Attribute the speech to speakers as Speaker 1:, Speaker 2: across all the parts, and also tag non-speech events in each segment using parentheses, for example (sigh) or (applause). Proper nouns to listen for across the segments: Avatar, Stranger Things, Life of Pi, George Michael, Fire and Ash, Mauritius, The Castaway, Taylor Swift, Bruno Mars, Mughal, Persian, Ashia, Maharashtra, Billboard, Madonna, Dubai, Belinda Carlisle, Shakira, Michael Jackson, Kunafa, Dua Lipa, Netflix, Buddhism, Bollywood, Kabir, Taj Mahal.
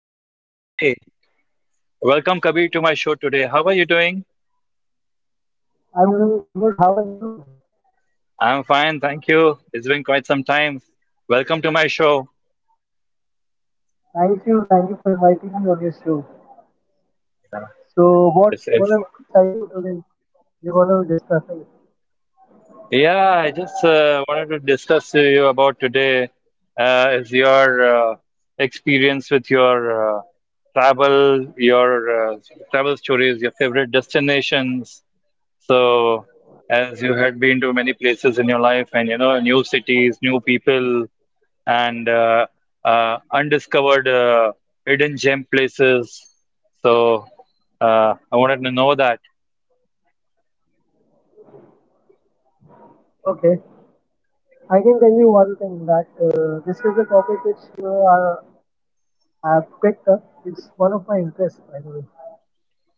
Speaker 1: Yeah, hi. Welcome, Kabir, to my show today. How are you doing?
Speaker 2: I'm doing good. How are you?
Speaker 1: I'm fine, thank you. It's been quite some time. Welcome to my show.
Speaker 2: Thank you. Thank you for inviting me on your show. So,
Speaker 1: It's,
Speaker 2: what's
Speaker 1: it's,
Speaker 2: gonna be exciting today? You're gonna be discussing.
Speaker 1: yeah, I just wanted to discuss to you about today is your experience with your travel, your uh, travel stories, your favorite destinations. So, as you had been to many places in your life and you know, new cities, new people. And undiscovered hidden gem places. So I wanted to know that.
Speaker 2: Okay. I can tell you one thing that this is a topic which I have picked up. It's one of my interests, by the way.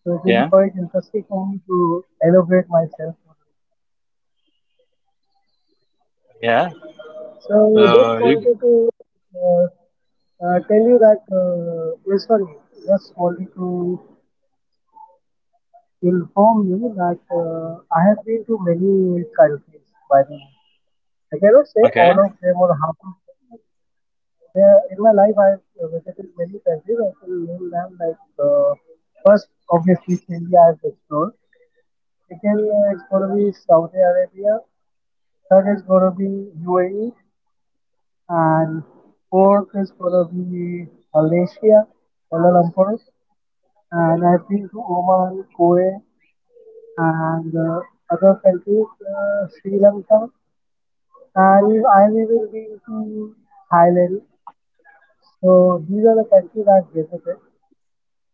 Speaker 2: So, it will be
Speaker 1: Yeah,
Speaker 2: quite interesting for me to elaborate myself on
Speaker 1: yeah.
Speaker 2: it. So, just
Speaker 1: So you-
Speaker 2: wanted to uh, tell you that, yeah, sorry, just wanted to inform you that I have been to many countries, by the way. I cannot say
Speaker 1: okay,
Speaker 2: all of them or half of them. But there, in my life, I've visited many countries. I can name them like first, obviously, it's India I've explored. Second, it's going to be Saudi Arabia. Third is going to be UAE, and fourth is going to be Malaysia, Kuala Lumpur. And I've been to Oman, Kuwait, and other countries, Sri Lanka, and I we will be to Thailand. So these are the countries I've visited,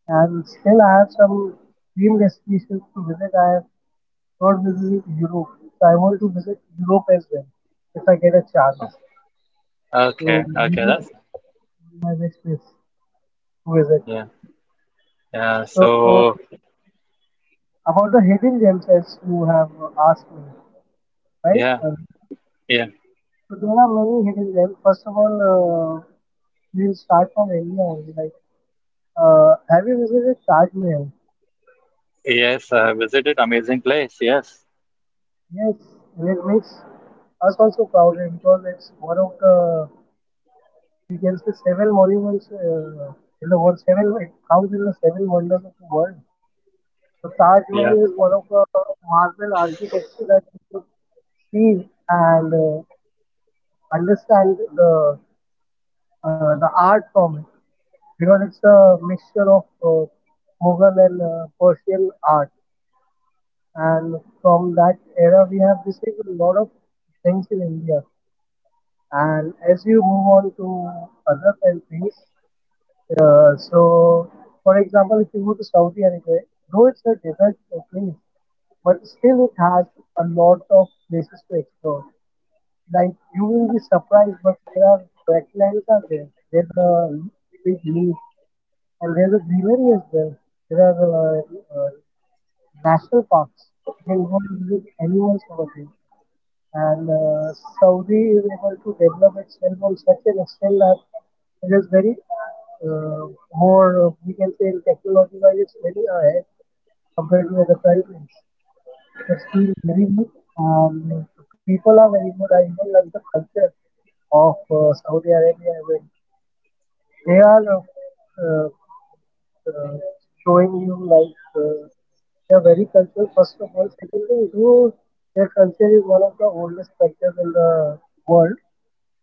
Speaker 2: and still I have some dream destinations to visit. I have not visited Europe, so I want to visit Europe as well if I get a chance.
Speaker 1: okay,
Speaker 2: So
Speaker 1: okay.
Speaker 2: Europe
Speaker 1: That's
Speaker 2: is left on my wish list to visit.
Speaker 1: Yeah, yeah. So
Speaker 2: So about the hidden gems as you have asked me, right
Speaker 1: yeah,
Speaker 2: earlier.
Speaker 1: yeah,
Speaker 2: So there are many hidden gems. First of all, we'll start from India only. Like, have you visited Taj Mahal?
Speaker 1: yes. I visited amazing place. Yes,
Speaker 2: Yes, and it makes us also proud eh, because it's one of the, we can say, seven monuments in the world. Seven, it counts in the seven wonders of the world. So Taj Mahal
Speaker 1: yeah,
Speaker 2: is one of the marvel architecture that we could see and understand the art from it because it's a mixture of Mughal and Persian art. And from that era, we have received a lot of things in India. And as you move on to other countries, so for example, if you go to Saudi Arabia, though it's a desert place, but still it has a lot of places to explore. Like you will be surprised, but there are wetlands are there. There's a big lake and there's a greenery as well. There are uh, national parks. You can go and visit animals over there. And Saudi is able to develop itself on such an extent that it is very uh, more, we can say, in technology wise, it's very ahead compared to other countries. It's doing very good. The people are very good. I even like the culture of Saudi Arabia. When they are uh, showing you like, uh, they are very cultural. First of all, secondly, though their culture is one of the oldest cultures in the world,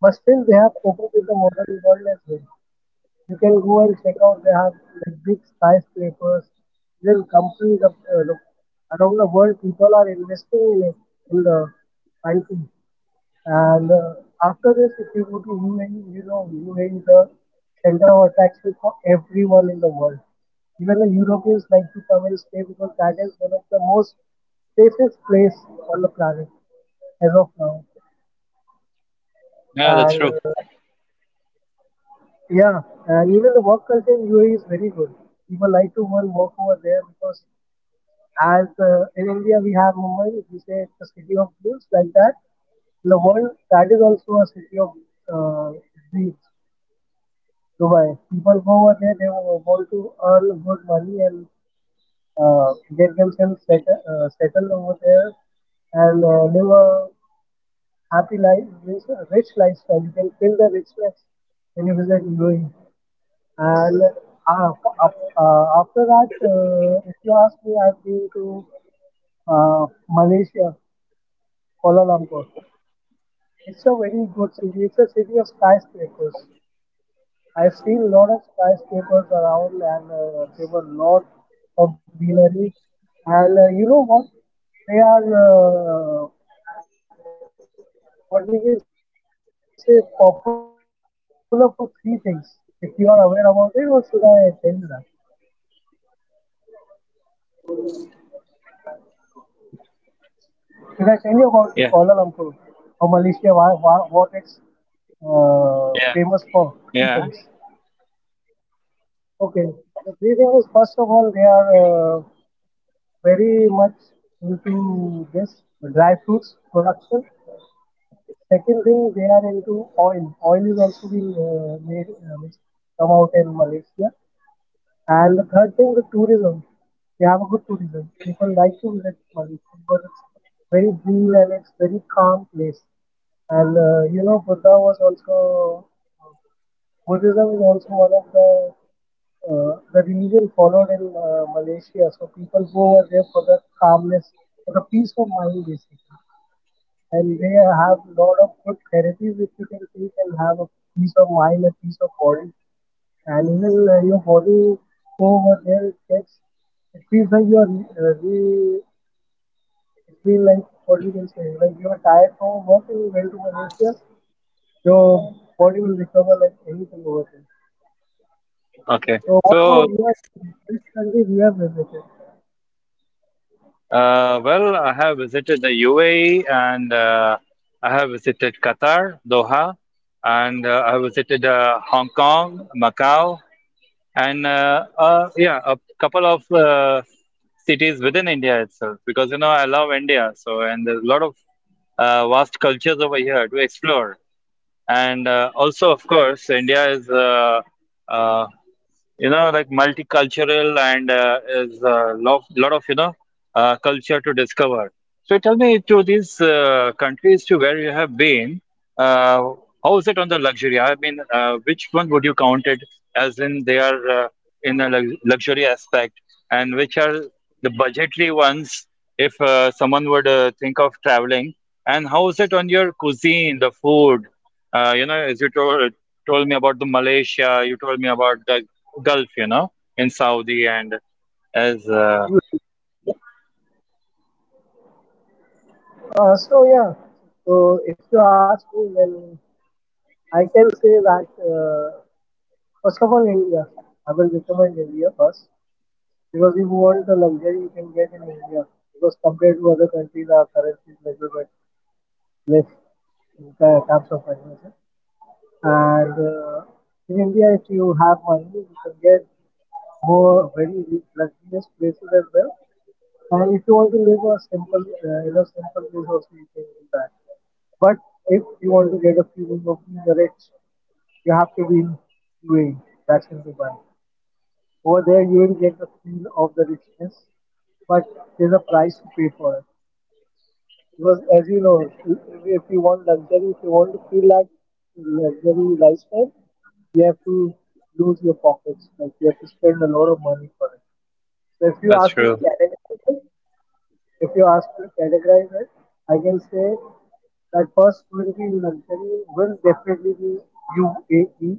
Speaker 2: but still they have coped with the modern world as well. You can go and check out. They have like big skyscrapers. Even companies around the world, people are investing in it in the country. And after this, if you go to UAE, you know UAE is the center of attraction for everyone in the world. Even the Europeans like to come and stay because that is one of the most safest place on the planet as of now.
Speaker 1: yeah. That's
Speaker 2: And
Speaker 1: true.
Speaker 2: Yeah, and even the work culture in UAE is very good. People like to go and work over there because, as in India, we have Mumbai, we say it's a city of dreams, like that. In the world, that is also a city of uh, dreams, Dubai. People go over there, they want to earn good money and get themselves settled over there and live a happy life, rich lifestyle. You can feel the richness when you visit UAE. And uh, af- After that, if you ask me, I've been to Malaysia, Kuala Lumpur. It's a very good city. It's a city of skyscrapers. I've seen a lot of skyscrapers around, and there were a lot of greenery. And you know what? They are uh, what we can say popular for three things. If you are aware about it, or should I tell you that? Did I tell you about Kuala Lumpur? How Malaysia, why,
Speaker 1: Yeah,
Speaker 2: what it's famous for? Three things.
Speaker 1: yeah, yeah.
Speaker 2: Okay. The three things is, first of all, they are very much into this dry fruits production. Second thing, they are into oil. Oil is also being made, which come out in Malaysia. And the third thing, the tourism. We have a good tourism. People like to visit Mauritius because it's very green and it's very calm place. And you know, Buddha was also Buddhism is also one of the religion followed in Malaysia. So people go over there for the calmness, for the peace of mind, basically. And they have a lot of good therapies which you can take and have a peace of mind, a peace of body and even you body over there checks, it feels like you are it feels like, what we can say, like you are tired from work and you went to Malaysia, your body will recover like anything over there.
Speaker 1: Okay.
Speaker 2: So what
Speaker 1: So
Speaker 2: about your,
Speaker 1: this.
Speaker 2: which country you have visited?
Speaker 1: Well, I have visited the UAE and I have visited Qatar, Doha, and I have visited Hong Kong, Macau, and yeah, a couple of cities within India itself because you know I love India, so and there's a lot of vast cultures over here to explore. And also, of course, India is uh, you know like multicultural and is a lot of you know culture to discover. So tell me to these countries to where you have been. uh, how is it on the luxury? I mean, which one would you count it as in they are, in a luxury aspect, and which are the budgetary ones if someone would think of traveling? And how is it on your cuisine, the food? You know, as you told me about the Malaysia. You told me about the Gulf, you know, in Saudi and as
Speaker 2: Hmm. So yeah, so if you ask me, then I can say that first of all, India. I will recommend India first. Because if you want the luxury you can get in India. Because compared to other countries, our currency is little bit less in terms of valuation. And in India, if you have money, you can get more very luxurious places as well. And if you want to live a in a simple place also, you can do that. But if you want to get a feeling of being rich, you have to be in UAE. That's in Dubai. Over there, you will get the feel of the richness, but there's a price to pay for it. Because as you know, if you want luxury, if you want to feel like luxury lifestyle, you have to lose your pockets. Like you have to spend a lot of money for it. So if you
Speaker 1: that's
Speaker 2: ask me to
Speaker 1: true.
Speaker 2: categorize it, if you ask me to categorize it, I can say that first will be, luxury will definitely be UAE,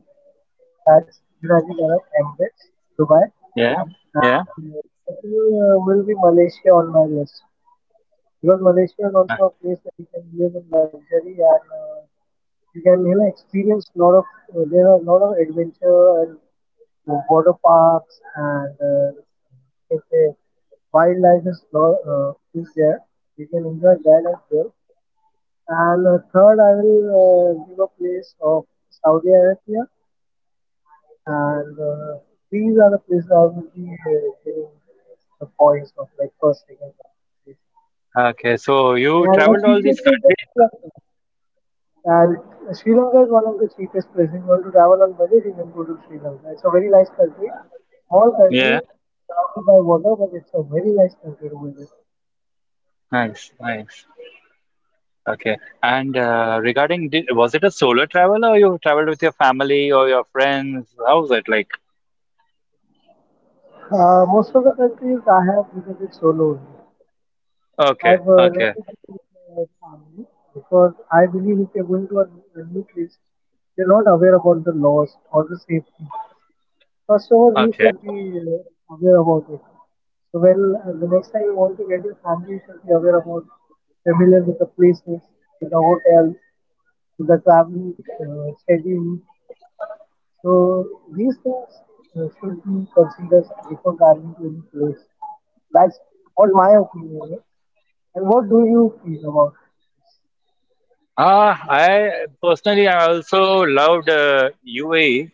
Speaker 2: that's United Arab Emirates, Dubai,
Speaker 1: Yeah, yeah.
Speaker 2: and the second will be Malaysia on my list. Because Malaysia is
Speaker 1: Uh,
Speaker 2: also a place where you can live in luxury and you can, you know, experience lot of there are a lot of adventure and water parks and you can say wildlife is there. You can enjoy that as well. And third, I will give a place of Saudi Arabia, and these are the places I will be giving the points of, like, first, second, and third place.
Speaker 1: Okay, so you
Speaker 2: And the
Speaker 1: traveled all these
Speaker 2: cheapest is the Sri
Speaker 1: countries.
Speaker 2: Lanka. And Sri Lanka is one of the cheapest places. If you want to travel on budget, you can go to Sri Lanka. It's a very nice country, small country,
Speaker 1: Yeah,
Speaker 2: surrounded by water, but it's a very nice country to visit.
Speaker 1: nice, nice. Okay, and was it a solo travel or you traveled with your family or your friends? How was it like?
Speaker 2: Most of the countries I have visited solo only.
Speaker 1: Okay,
Speaker 2: I've
Speaker 1: okay,
Speaker 2: never been with my family because I believe if you're going to a new place, you're not aware about the laws or the safety. First of all, you
Speaker 1: okay.
Speaker 2: should be aware about it. So when the next time you want to get your family, you should be aware about, familiar with the places, with the hotels, with the traveling schedule. So these things should be considered before traveling to any place. That's what my opinion is. And what do you feel about?
Speaker 1: I personally, I also loved UAE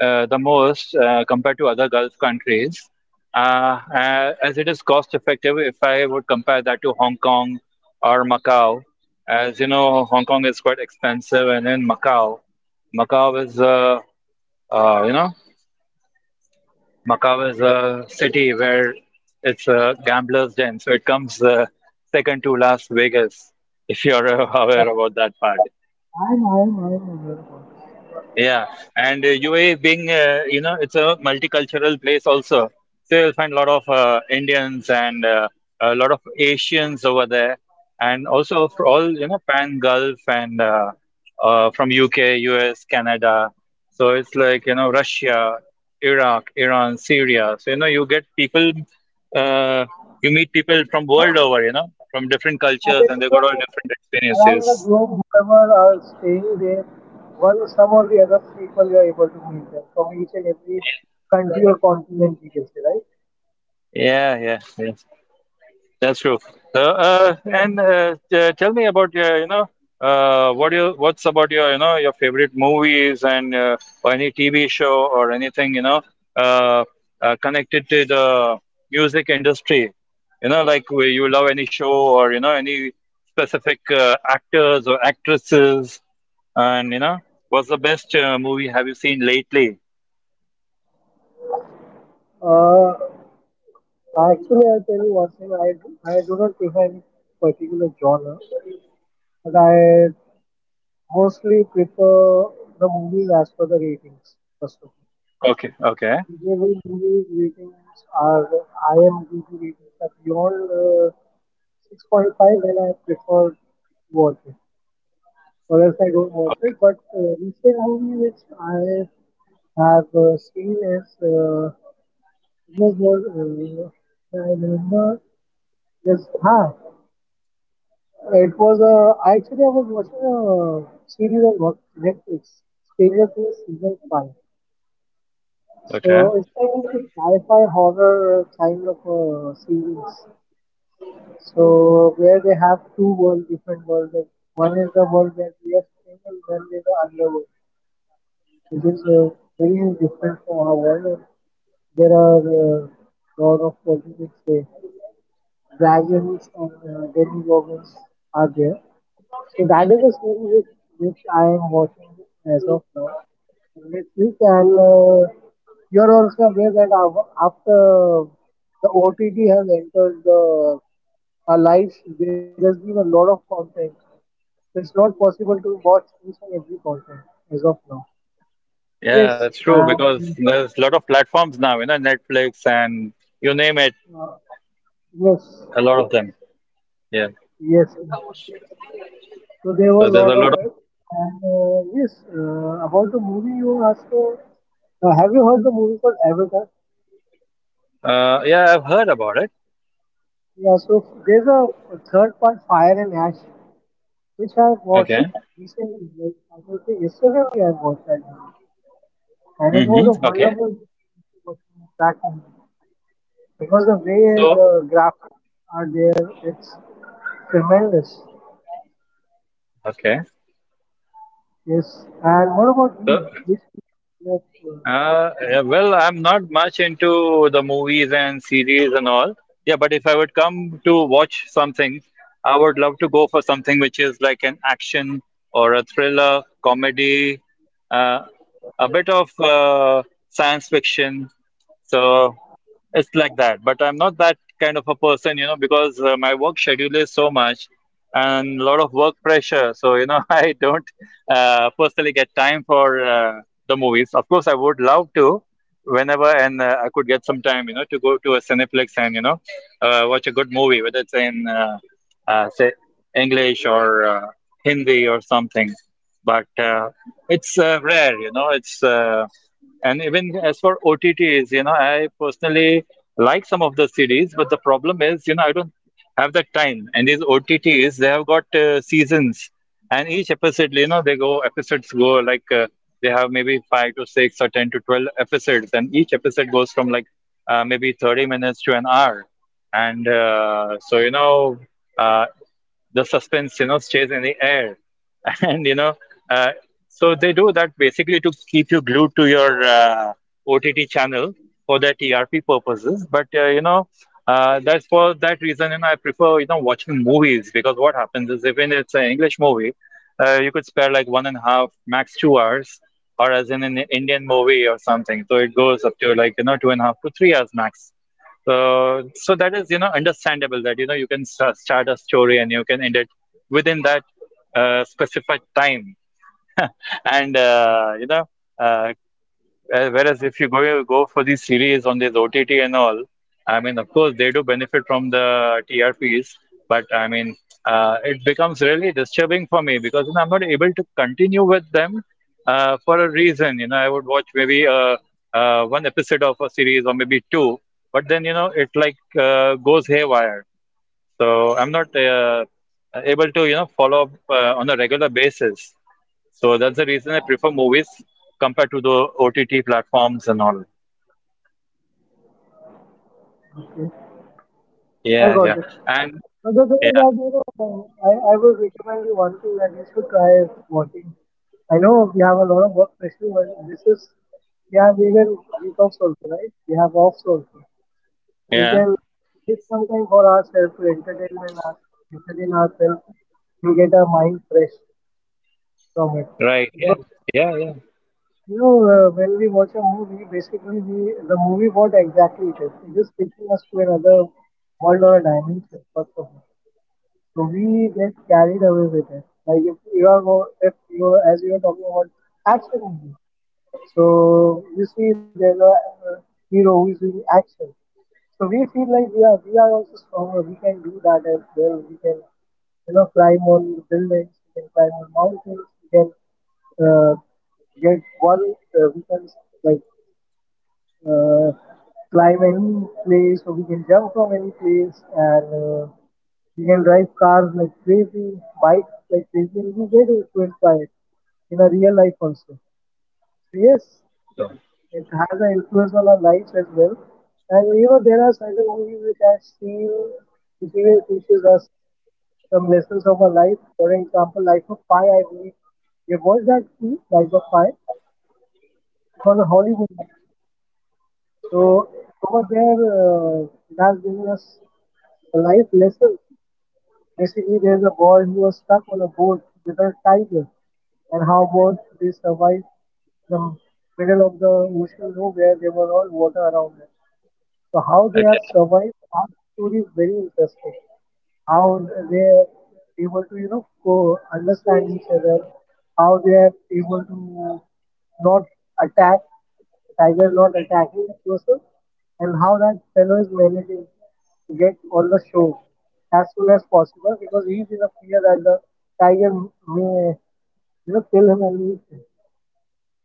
Speaker 1: the most compared to other Gulf countries, as it is cost effective if I would compare that to Hong Kong or Macau. As you know, Hong Kong is quite expensive, and then Macau. Macau is you know Macau is a city where it's a gambler's den, so it comes second to Las Vegas if you're (laughs) aware
Speaker 2: That
Speaker 1: about that part.
Speaker 2: I'm aware about this.
Speaker 1: Yeah, and UAE being, you know, it's a multicultural place also. So you'll find a lot of Indians and a lot of Asians over there, and also for all, you know, Pan Gulf and from UK, US, Canada. So it's like, you know, Russia, Iraq, Iran, Syria. So, you know, uh, you meet people from world
Speaker 2: Huh?
Speaker 1: over, you know, from different cultures, and they
Speaker 2: Basically,
Speaker 1: got all
Speaker 2: it,
Speaker 1: different
Speaker 2: around the
Speaker 1: experiences.
Speaker 2: globe, whoever are staying there, one some or the other people, you are able to meet them from each and every
Speaker 1: Ye-
Speaker 2: country or continent, we can say, right?
Speaker 1: Yeah, yeah, yeah. That's true. Tell me about your, you know, what's about your, you know, your favorite movies and or any TV show or anything, you know, uh, connected to the music industry. You know, like where you love any show or you know any specific actors or actresses, and you know, what's the best movie have you seen lately?
Speaker 2: Uh, Actually, I'll tell you one thing. I do not prefer any particular genre, but I mostly prefer the movies as per the ratings, first of all.
Speaker 1: Okay, okay,
Speaker 2: Every movie's ratings are IMDb ratings are beyond 6.5, and I prefer to watch it, or else I don't watch
Speaker 1: okay,
Speaker 2: it. But recent movie which I have seen is it was more, uh, yeah, I remember this ha it was I was watching a series on Netflix, Stranger Things season 5.
Speaker 1: okay.
Speaker 2: So it's kind of a sci-fi horror kind of a series. So where they have two world, different worlds. Like, one is the world where we are staying, and one is the underworld which is very different from our world. And there are lot of what you can say dragons and demigorgons are there. So that is the series which I am watching as of now on Netflix. And you are also aware that after the OTT has entered the our lives, there has been a lot of content. So it's not possible to watch each and every content as of now.
Speaker 1: Yeah,
Speaker 2: Yes,
Speaker 1: that's true because there's a lot of platforms now, you know, Netflix and you name it,
Speaker 2: uh, yes,
Speaker 1: a lot of them. Yeah.
Speaker 2: yes. So there were
Speaker 1: So
Speaker 2: a
Speaker 1: there's
Speaker 2: lot
Speaker 1: a lot
Speaker 2: of
Speaker 1: of
Speaker 2: it, and yes, about the movie you asked for. Have you heard the movie called Avatar?
Speaker 1: Yeah, I've heard about it.
Speaker 2: Yeah. So there's a third part, Fire and Ash, which I watched
Speaker 1: Okay.
Speaker 2: recently. Like I can say yesterday only I watched that, movie. And it was a
Speaker 1: Mm-hmm. Okay.
Speaker 2: wonderful experience watching that movie because the way
Speaker 1: So,
Speaker 2: the graphics are there, it's tremendous.
Speaker 1: okay.
Speaker 2: Yes. And what about
Speaker 1: So,
Speaker 2: you? Which movie you have uh,
Speaker 1: yeah,
Speaker 2: seen?
Speaker 1: well, I'm not much into the movies and series and all. Yeah, but if I would come to watch something, I would love to go for something which is like an action or a thriller, comedy, uh, a bit of science fiction. So it's like that. But I'm not that kind of a person, you know, because my work schedule is so much and a lot of work pressure. So, you know, (laughs) I don't personally get time for the movies. Of course, I would love to whenever and I could get some time, you know, to go to a Cineplex and, you know, watch a good movie, whether it's in, say, English or Hindi or something. But it's rare, you know, it's. And even as for OTTs, you know, I personally like some of the series, but the problem is, you know, I don't have that time. And these OTTs, they have got seasons, and each episode, you know, they go episodes go like they have maybe 5 to 6 or 10 to 12 episodes, and each episode goes from like maybe 30 minutes to an hour. And so, you know, uh, the suspense, you know, stays in the air. (laughs) And you know, uh, so they do that basically to keep you glued to your OTT channel for their TRP purposes. But you know, that's for that reason. And I prefer you know watching movies because what happens is even if it's an English movie, you could spare like one and a half max 2 hours, or as in an Indian movie or something. So it goes up to like you know two and a half to 3 hours max. So that is, you know, understandable that, you know, you can start a story and you can end it within that specified time. (laughs) And, uh, you know, uh, Whereas if you go for these series on this OTT and all, I mean, of course, they do benefit from the TRPs, but I mean, it becomes really disturbing for me because you know, I'm not able to continue with them for a reason. You know, I would watch maybe one episode of a series or maybe two, but then you know, it like goes haywire. So I'm not able to you know follow up on a regular basis. So that's the reason I prefer movies compared to the OTT platforms and all.
Speaker 2: Okay. I
Speaker 1: Yeah, yeah.
Speaker 2: got it.
Speaker 1: And
Speaker 2: But the thing is
Speaker 1: yeah,
Speaker 2: that, you know, I would recommend you one to at least to try watching. I know we have a lot of work pressure, but this is, we have even week offs also, right? We have offs also. We
Speaker 1: yeah.
Speaker 2: can take some time for ourselves to entertainment, our, entertain ourselves. You get our mind fresh from it.
Speaker 1: Right. Yeah.
Speaker 2: Because
Speaker 1: Yeah, yeah.
Speaker 2: you know, when we watch a movie, basically we, the movie what exactly it is. It is taking us to another world or a dimension, first of all. So we get carried away with it. Like if you are more, if as you are talking about action movies. So you see, there's a hero who is doing action. So we feel like yeah, we are also stronger. We can do that as well. We can, you know, climb on the buildings. We can climb on mountains. We can uh, get one. We can like uh, climb any place, or we can jump from any place, and we can drive cars like crazy, bike like crazy, and we get influenced by it in our real life also. So yes,
Speaker 1: So,
Speaker 2: it has an influence on our lives as well. And you know, there are certain movies which I seen which even teaches us some lessons of our life. For example, Life of Pi, I believe. You have watched that movie, Life of Pi? It was a Hollywood movie. So over there, it has given us a life lesson. Basically, there's a boy who was stuck on a boat with a tiger, and how about they survived the middle of the ocean, where there were all water around them. So how they have
Speaker 1: okay.
Speaker 2: survived past story is very interesting. How they are able to, you know, go understand each other, how they are able to not attack, the tiger not attacking the person, and how that fellow is managing to get on the show as soon as possible because he is in a fear that the tiger may, you know, kill him and eat him.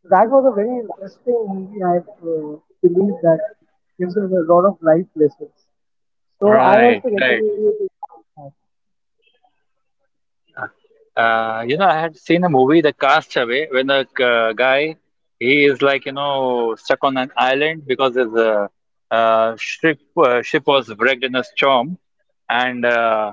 Speaker 2: That was a very interesting movie. I believe that gives us a lot of life lessons. So I
Speaker 1: Right,
Speaker 2: also recommend
Speaker 1: right.
Speaker 2: you to watch that.
Speaker 1: You know, I had seen a movie, The Castaway, when the guy, he is like, you know, stuck on an island because his ship was wrecked in a storm, and uh,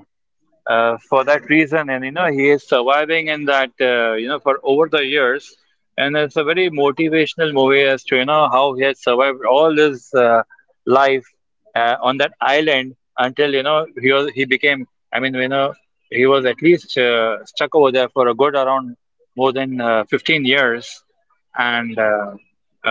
Speaker 1: uh, for that reason and you know he is surviving in that you know for over the years, and it's a very motivational movie as to you know how he has survived all his life on that island until you know he became, I mean you know he was at least stuck over there for a good around more than 15 years, and uh,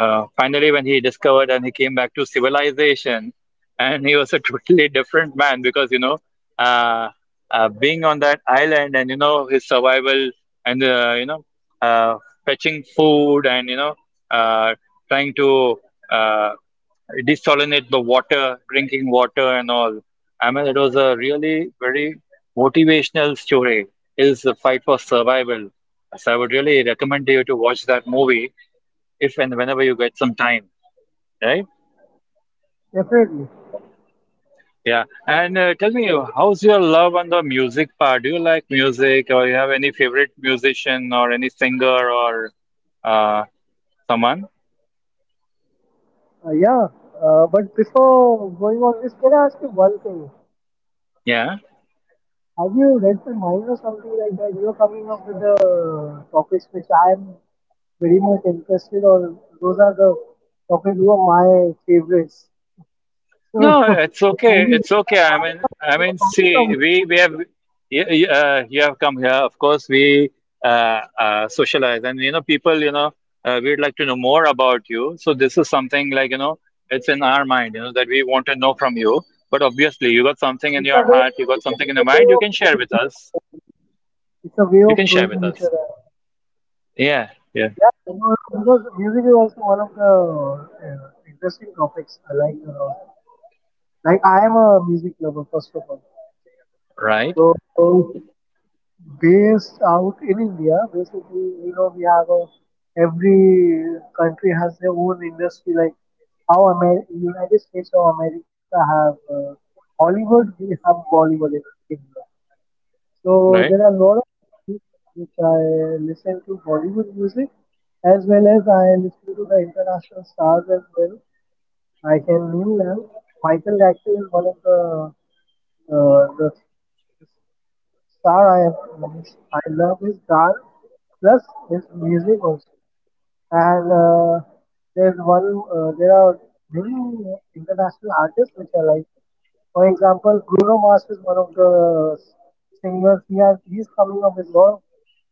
Speaker 1: uh, finally when he discovered and he came back to civilization, and he was a (laughs) totally different man because you know uh, being on that island and you know his survival and you know uh, fetching food and you know uh, trying to uh, desalinate the water, drinking water and all. I mean it was a really very motivational story, is the fight for survival. So I would really recommend you to watch that movie if and whenever you get some time. Right.
Speaker 2: Definitely.
Speaker 1: Yeah, and tell me, how's your love on the music part? Do you like music, or you have any favorite musician, or any singer, or uh, someone?
Speaker 2: Yeah. But before going on this, can I ask you one thing?
Speaker 1: Yeah.
Speaker 2: Have you read the mind or something like that? You're coming up with the topics which I'm very much interested on. Those are the topics who are my favorites. So
Speaker 1: No,
Speaker 2: (laughs) have
Speaker 1: it's okay.
Speaker 2: you
Speaker 1: It's
Speaker 2: read my
Speaker 1: okay. I
Speaker 2: mind
Speaker 1: mean,
Speaker 2: or it's
Speaker 1: I mean,
Speaker 2: just common
Speaker 1: see, we
Speaker 2: topics?
Speaker 1: have y- y- you have come here. Of course, we socialize, and you know, people, you know, we'd like to know more about you. So this is something like you know, it's in our mind, you know, that we want to know from you. But obviously, you got something in
Speaker 2: It's a
Speaker 1: your
Speaker 2: way
Speaker 1: heart,
Speaker 2: of,
Speaker 1: you got something in
Speaker 2: it's a
Speaker 1: your
Speaker 2: way
Speaker 1: mind, you
Speaker 2: of
Speaker 1: can share with
Speaker 2: knowing each
Speaker 1: us.
Speaker 2: other. I think. It's a way
Speaker 1: You
Speaker 2: of
Speaker 1: can share
Speaker 2: knowing
Speaker 1: with
Speaker 2: each
Speaker 1: us.
Speaker 2: other.
Speaker 1: Yeah, yeah.
Speaker 2: Yeah, yeah, no, no, because music is also one of the interesting topics I like a lot. Like I am a music lover first of all.
Speaker 1: Right,
Speaker 2: So based out in India, basically, you know, we have a every country has their own industry. Like how United States of America have Hollywood, we have Bollywood in India. So
Speaker 1: right.
Speaker 2: there are a lot of music which I listen to Bollywood music as well as I listen to the international stars as well. I can name them. Michael Jackson is one of uh, the, the Star I have means I love his dance plus his music also. And there are many international artists which I like. For example, Bruno Mars is one of the singers. He's coming up with a lot of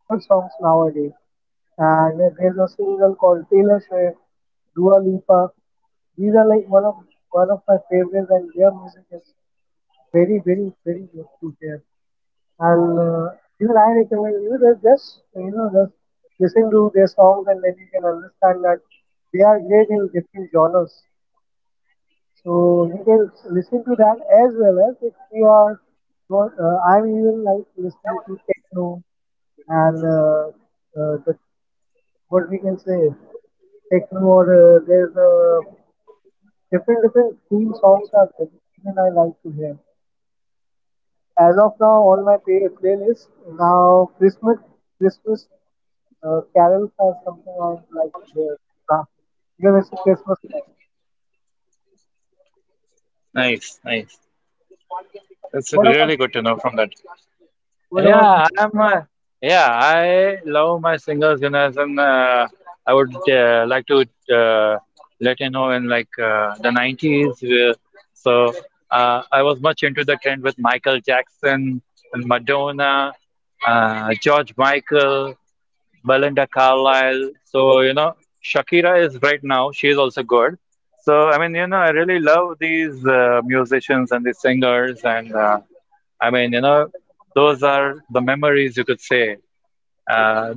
Speaker 2: good songs nowadays. And there's a single called Taylor Swift, Dua Lipa. These are like one of my favorites, and their music is very, very, very good to hear. And even I recommend you that just you know just listen to their songs and then you can understand that they are great in different genres. So you can listen to that as well as if you are not. I'm even like listening to techno and the what we can say techno or there's a different different theme songs are there which even I like to hear. As of now all my playlist now Christmas Christmas carols or something I would like to hear now, because it's a Christmas time.
Speaker 1: Nice, nice. That's
Speaker 2: What about
Speaker 1: really good
Speaker 2: you?
Speaker 1: to know from that.
Speaker 2: What
Speaker 1: Yeah,
Speaker 2: about you?
Speaker 1: I'm. Uh, yeah, I love my singers, and as in, I would like to uh, let you know in like the 90s. So I was much into the trend with Michael Jackson and Madonna, George Michael. Belinda Carlisle. So, you know, Shakira is right now, she is also good. So, I mean, you know, I really love these musicians and these singers. And I mean, you know, those are the memories you could say. Uh,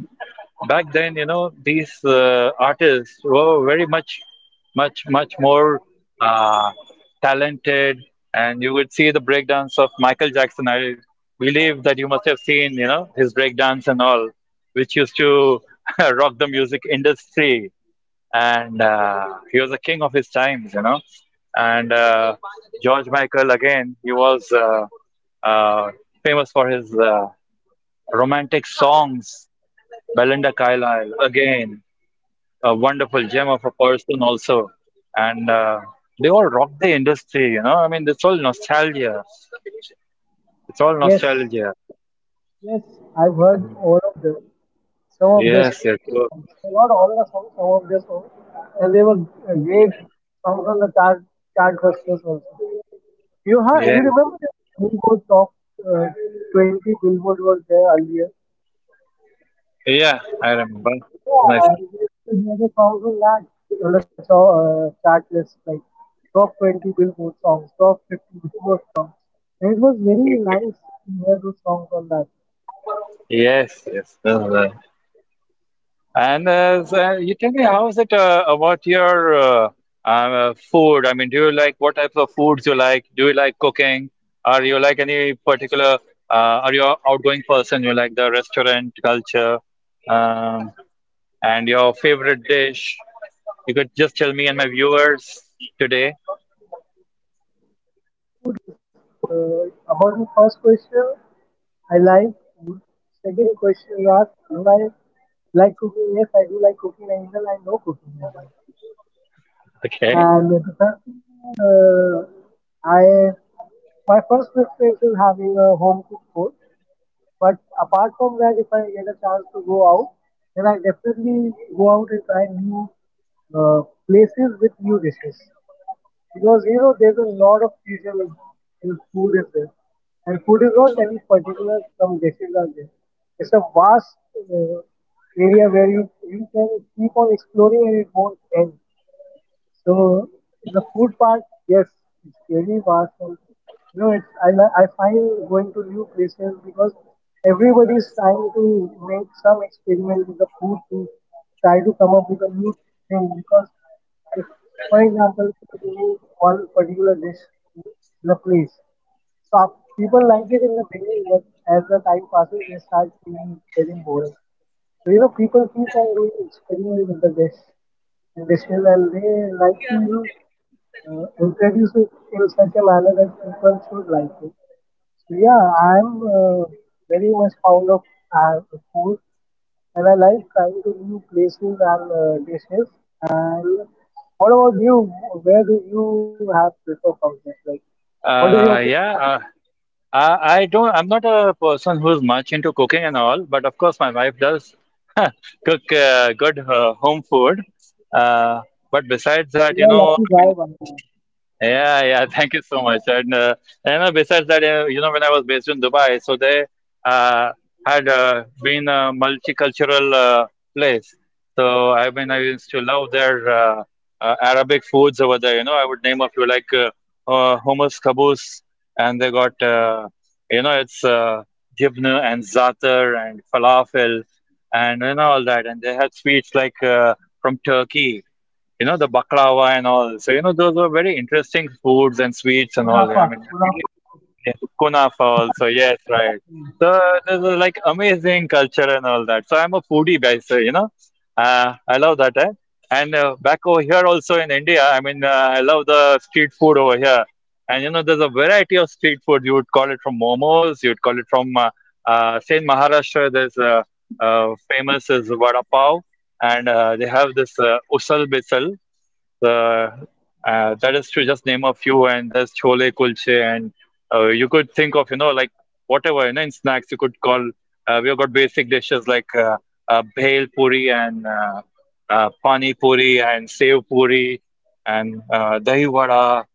Speaker 1: Back then, you know, these artists were very much, much, much more uh, talented, and you would see the breakdance of Michael Jackson. I believe that you must have seen, you know, his breakdance and all, which used to (laughs) rock the music industry, and he was a king of his times, you know. And George Michael, again, he was uh, famous for his romantic songs. Belinda Carlisle, again a wonderful gem of a person also, and they all rock the industry. You know, I mean, it's all nostalgia. It's all
Speaker 2: Yes,
Speaker 1: nostalgia.
Speaker 2: yes, I've heard
Speaker 1: And
Speaker 2: all of them. Some of their
Speaker 1: yes, yes.
Speaker 2: songs,
Speaker 1: So
Speaker 2: not all the songs, some of their songs, and they were great
Speaker 1: yeah,
Speaker 2: songs on the chartbusters also. You
Speaker 1: yes,
Speaker 2: remember there was a Billboard top uh, 20 Billboard was there earlier.
Speaker 1: yeah. I
Speaker 2: Uh,
Speaker 1: remember. It's
Speaker 2: yeah,
Speaker 1: nice.
Speaker 2: we used to hear the songs on that on the chart list, like top 20 Billboard songs, top 50 Billboard songs, and it was very
Speaker 1: Exactly.
Speaker 2: nice to hear those songs on that.
Speaker 1: Yes, yes. And you tell me, how is it about your food? I mean, do you like what types of foods you like? Do you like cooking? Are you like any particular? Are you an outgoing person? You like the restaurant culture? Um, and your favorite dish? You could just tell me and my viewers today.
Speaker 2: About the first question, I like food. Second question you asked, do I like cooking? Yes, I do like cooking, and even I know cooking as well.
Speaker 1: Okay.
Speaker 2: And the third thing, uh, I my first preference is having a home cooked food. But apart from that, if I get a chance to go out, then I definitely go out and try new uh, places with new dishes. Because you know, there's a lot of fusion in food as well. And food is not any particular, some dishes are there. It's a vast area where you can keep on exploring and it won't end. So in the food part, yes, it's very vast. And, you know, it's I find going to new places because everybody is trying to make some experiment with the food to try to come up with a new thing. Because if, for example, if you give me one particular dish in a place, so people like it in the beginning, but as the time passes, they start feeling getting boring. So you know, people keep on doing experiment with the dish and dishes, and they like to you know introduce it in such a manner that people should like it. So yeah, I'm uh, very much fond of uh, food, and I like trying to new places and dishes. And what about you? Where do you have prefer cocktails? Like, what is your opinion on
Speaker 1: Yeah.
Speaker 2: tea?
Speaker 1: I don't, I'm not a person who's much into cooking and all, but of course, my wife does (laughs) cook good home food. Uh, but besides
Speaker 2: We
Speaker 1: that, you
Speaker 2: are a
Speaker 1: know,
Speaker 2: lucky
Speaker 1: I mean,
Speaker 2: guy,
Speaker 1: of
Speaker 2: by the way.
Speaker 1: course, yeah, yeah. (laughs) Thank you so much. And besides that, you know, when I was based in Dubai, so they uh, had been a multicultural place. So I mean, I used to love their Arabic foods over there. You know, I would name a few like hummus kabous, and they got you know, it's jibna and zatar and falafel, and you know all that. And they had sweets like from Turkey, you know, the baklava and all. So, you know, those were very interesting foods and sweets and all.
Speaker 2: Kunafa,
Speaker 1: I mean,
Speaker 2: kunafa
Speaker 1: really,
Speaker 2: also.
Speaker 1: yeah, kunafa also, yes, right. So, there's a, like amazing culture and all that. So, I'm a foodie guy, so, you know, I love that. Eh? And back over here also in India, I mean, I love the street food over here. And, you know, there's a variety of street food. You would call it from momos, you would call it from, say, in Maharashtra, there's famous as vada pav and they have this usal besal. The that is to just name a few, and there's chole kulche, and you could think of, you know, like whatever you know in snacks you could call. We've got basic dishes like bhel puri and pani puri and sev puri and dahi vada.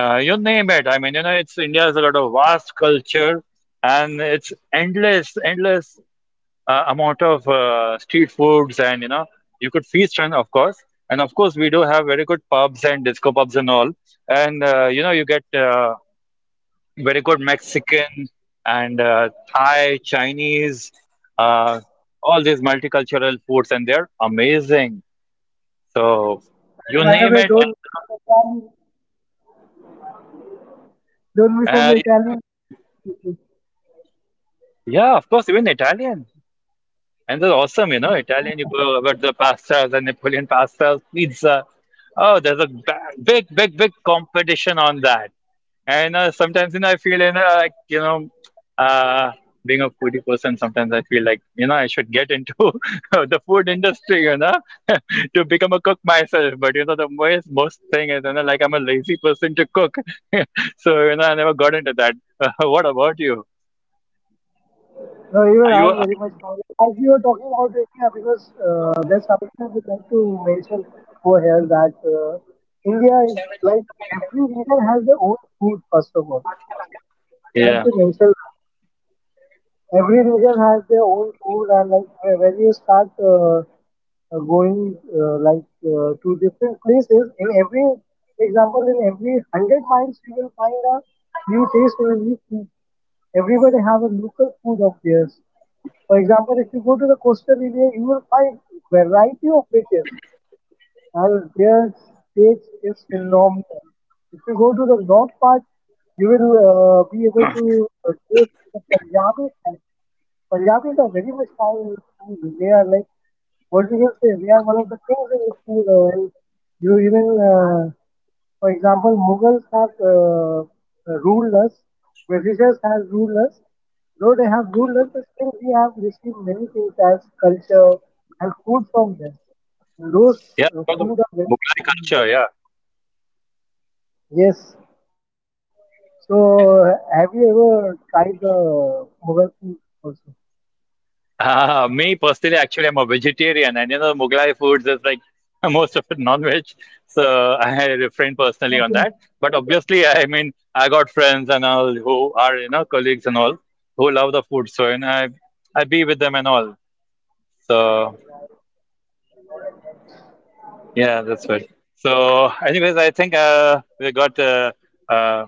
Speaker 1: You name it. I mean, you know, it's India has a lot of vast culture, and it's endless, endless amount of street foods, and you know you could feast on, of course. And of course we do have very good pubs and disco pubs and all, and you know you get very good Mexican and Thai Chinese, uh, all these multicultural foods, and they're amazing. So
Speaker 2: And
Speaker 1: you
Speaker 2: by the
Speaker 1: name
Speaker 2: way,
Speaker 1: it,
Speaker 2: don't
Speaker 1: and you know
Speaker 2: misunderstand. Don't
Speaker 1: you can,
Speaker 2: misunderstand. (laughs) This is-
Speaker 1: yeah, of course, even Italian. And they're awesome, you know. Italian, you
Speaker 2: Yeah.
Speaker 1: go about the pastas and Napoleon pastas, pizza. Oh, there's a big, big, big competition on that. And sometimes, you know, I feel, you know, like, you know, uh, being a foodie person, sometimes I feel like, you know, I should get into (laughs) the food industry, you know, (laughs) to become a cook myself. But, you know, the most thing is, you know, like I'm a lazy person to cook. (laughs) So, you know, I never got into that. (laughs) What about you?
Speaker 2: No, even
Speaker 1: Are
Speaker 2: I
Speaker 1: you
Speaker 2: am
Speaker 1: are
Speaker 2: very
Speaker 1: you
Speaker 2: much
Speaker 1: street.
Speaker 2: fond of. As you were talking about India, because there's something I would like to mention over here that India is like every region has their own food. First of all, I would like
Speaker 1: Yeah.
Speaker 2: to mention that. Every region has their own food, and like when you start going like to different places, in every example, in every hundred miles, you will find a new taste and a new food. Everybody have a local food of theirs. For example, if you go to the coastal area, you will find variety of fishes and their taste is phenomenal. If you go to the north part, you will be able to taste the Punjabi food. Punjabis are very much fond in food. They are like, what do you say? They are one of the kings in the food. And you even for example, Mughals have ruled us, Britishers have ruled us. Though they have ruled us, but still we have received many things as culture and food from them. And those
Speaker 1: Yeah, they got the
Speaker 2: food are very
Speaker 1: Mughlai culture,
Speaker 2: phenomenal.
Speaker 1: yeah.
Speaker 2: Yes. So, have you ever tried the Mughal food also?
Speaker 1: Me personally, actually, I'm a vegetarian, and you know, Mughlai foods is like (laughs) most of it non-veg, so I refrain personally on that.
Speaker 2: Okay.
Speaker 1: But obviously, I mean, I got friends and all who are, you know, colleagues and all who love the food, so and I be with them and all. So yeah, that's what. So anyways, I think we got uh,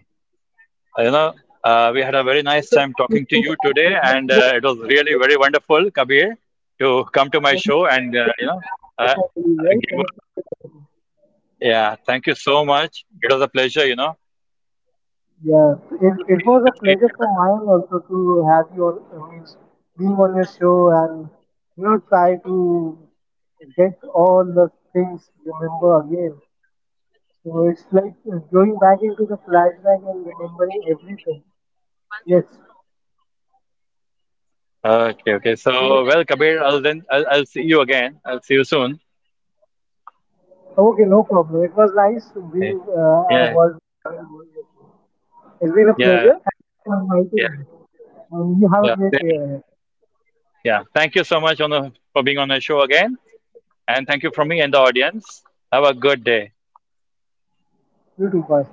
Speaker 1: You know, we had a very
Speaker 2: You
Speaker 1: nice
Speaker 2: took
Speaker 1: time
Speaker 2: a
Speaker 1: talking
Speaker 2: period
Speaker 1: to
Speaker 2: of
Speaker 1: you
Speaker 2: time.
Speaker 1: today,
Speaker 2: That's
Speaker 1: and
Speaker 2: what you're
Speaker 1: it was
Speaker 2: (laughs)
Speaker 1: really very wonderful, Kabir, to come to my
Speaker 2: And you
Speaker 1: show
Speaker 2: took
Speaker 1: and
Speaker 2: plenty
Speaker 1: uh,
Speaker 2: of
Speaker 1: you know
Speaker 2: time
Speaker 1: uh,
Speaker 2: also, I believe, right?
Speaker 1: give
Speaker 2: That's
Speaker 1: a,
Speaker 2: what you're saying.
Speaker 1: yeah. Thank you so much. It was a pleasure, you know,
Speaker 2: Yeah, it,
Speaker 1: to
Speaker 2: it
Speaker 1: see
Speaker 2: was a
Speaker 1: to see you
Speaker 2: pleasure for
Speaker 1: here.
Speaker 2: mine also to have you on, I mean, being on your show and you know try to get all the things remember again. So it's like going back into the flashback and remembering everything. Yes.
Speaker 1: Okay, okay. So
Speaker 2: So,
Speaker 1: well, Kabir, I'll then I'll see you again. I'll see you soon.
Speaker 2: okay, no problem. It was nice being
Speaker 1: Yeah,
Speaker 2: was with having you, with me. It's been a
Speaker 1: yeah,
Speaker 2: pleasure. Thank you for inviting
Speaker 1: yeah,
Speaker 2: me. And you have a
Speaker 1: yeah.
Speaker 2: great
Speaker 1: Same
Speaker 2: day
Speaker 1: here.
Speaker 2: ahead.
Speaker 1: Yeah. Thank you so much on the, for being on the show again, and thank you from me and the audience. Have a good day.
Speaker 2: You too, bye.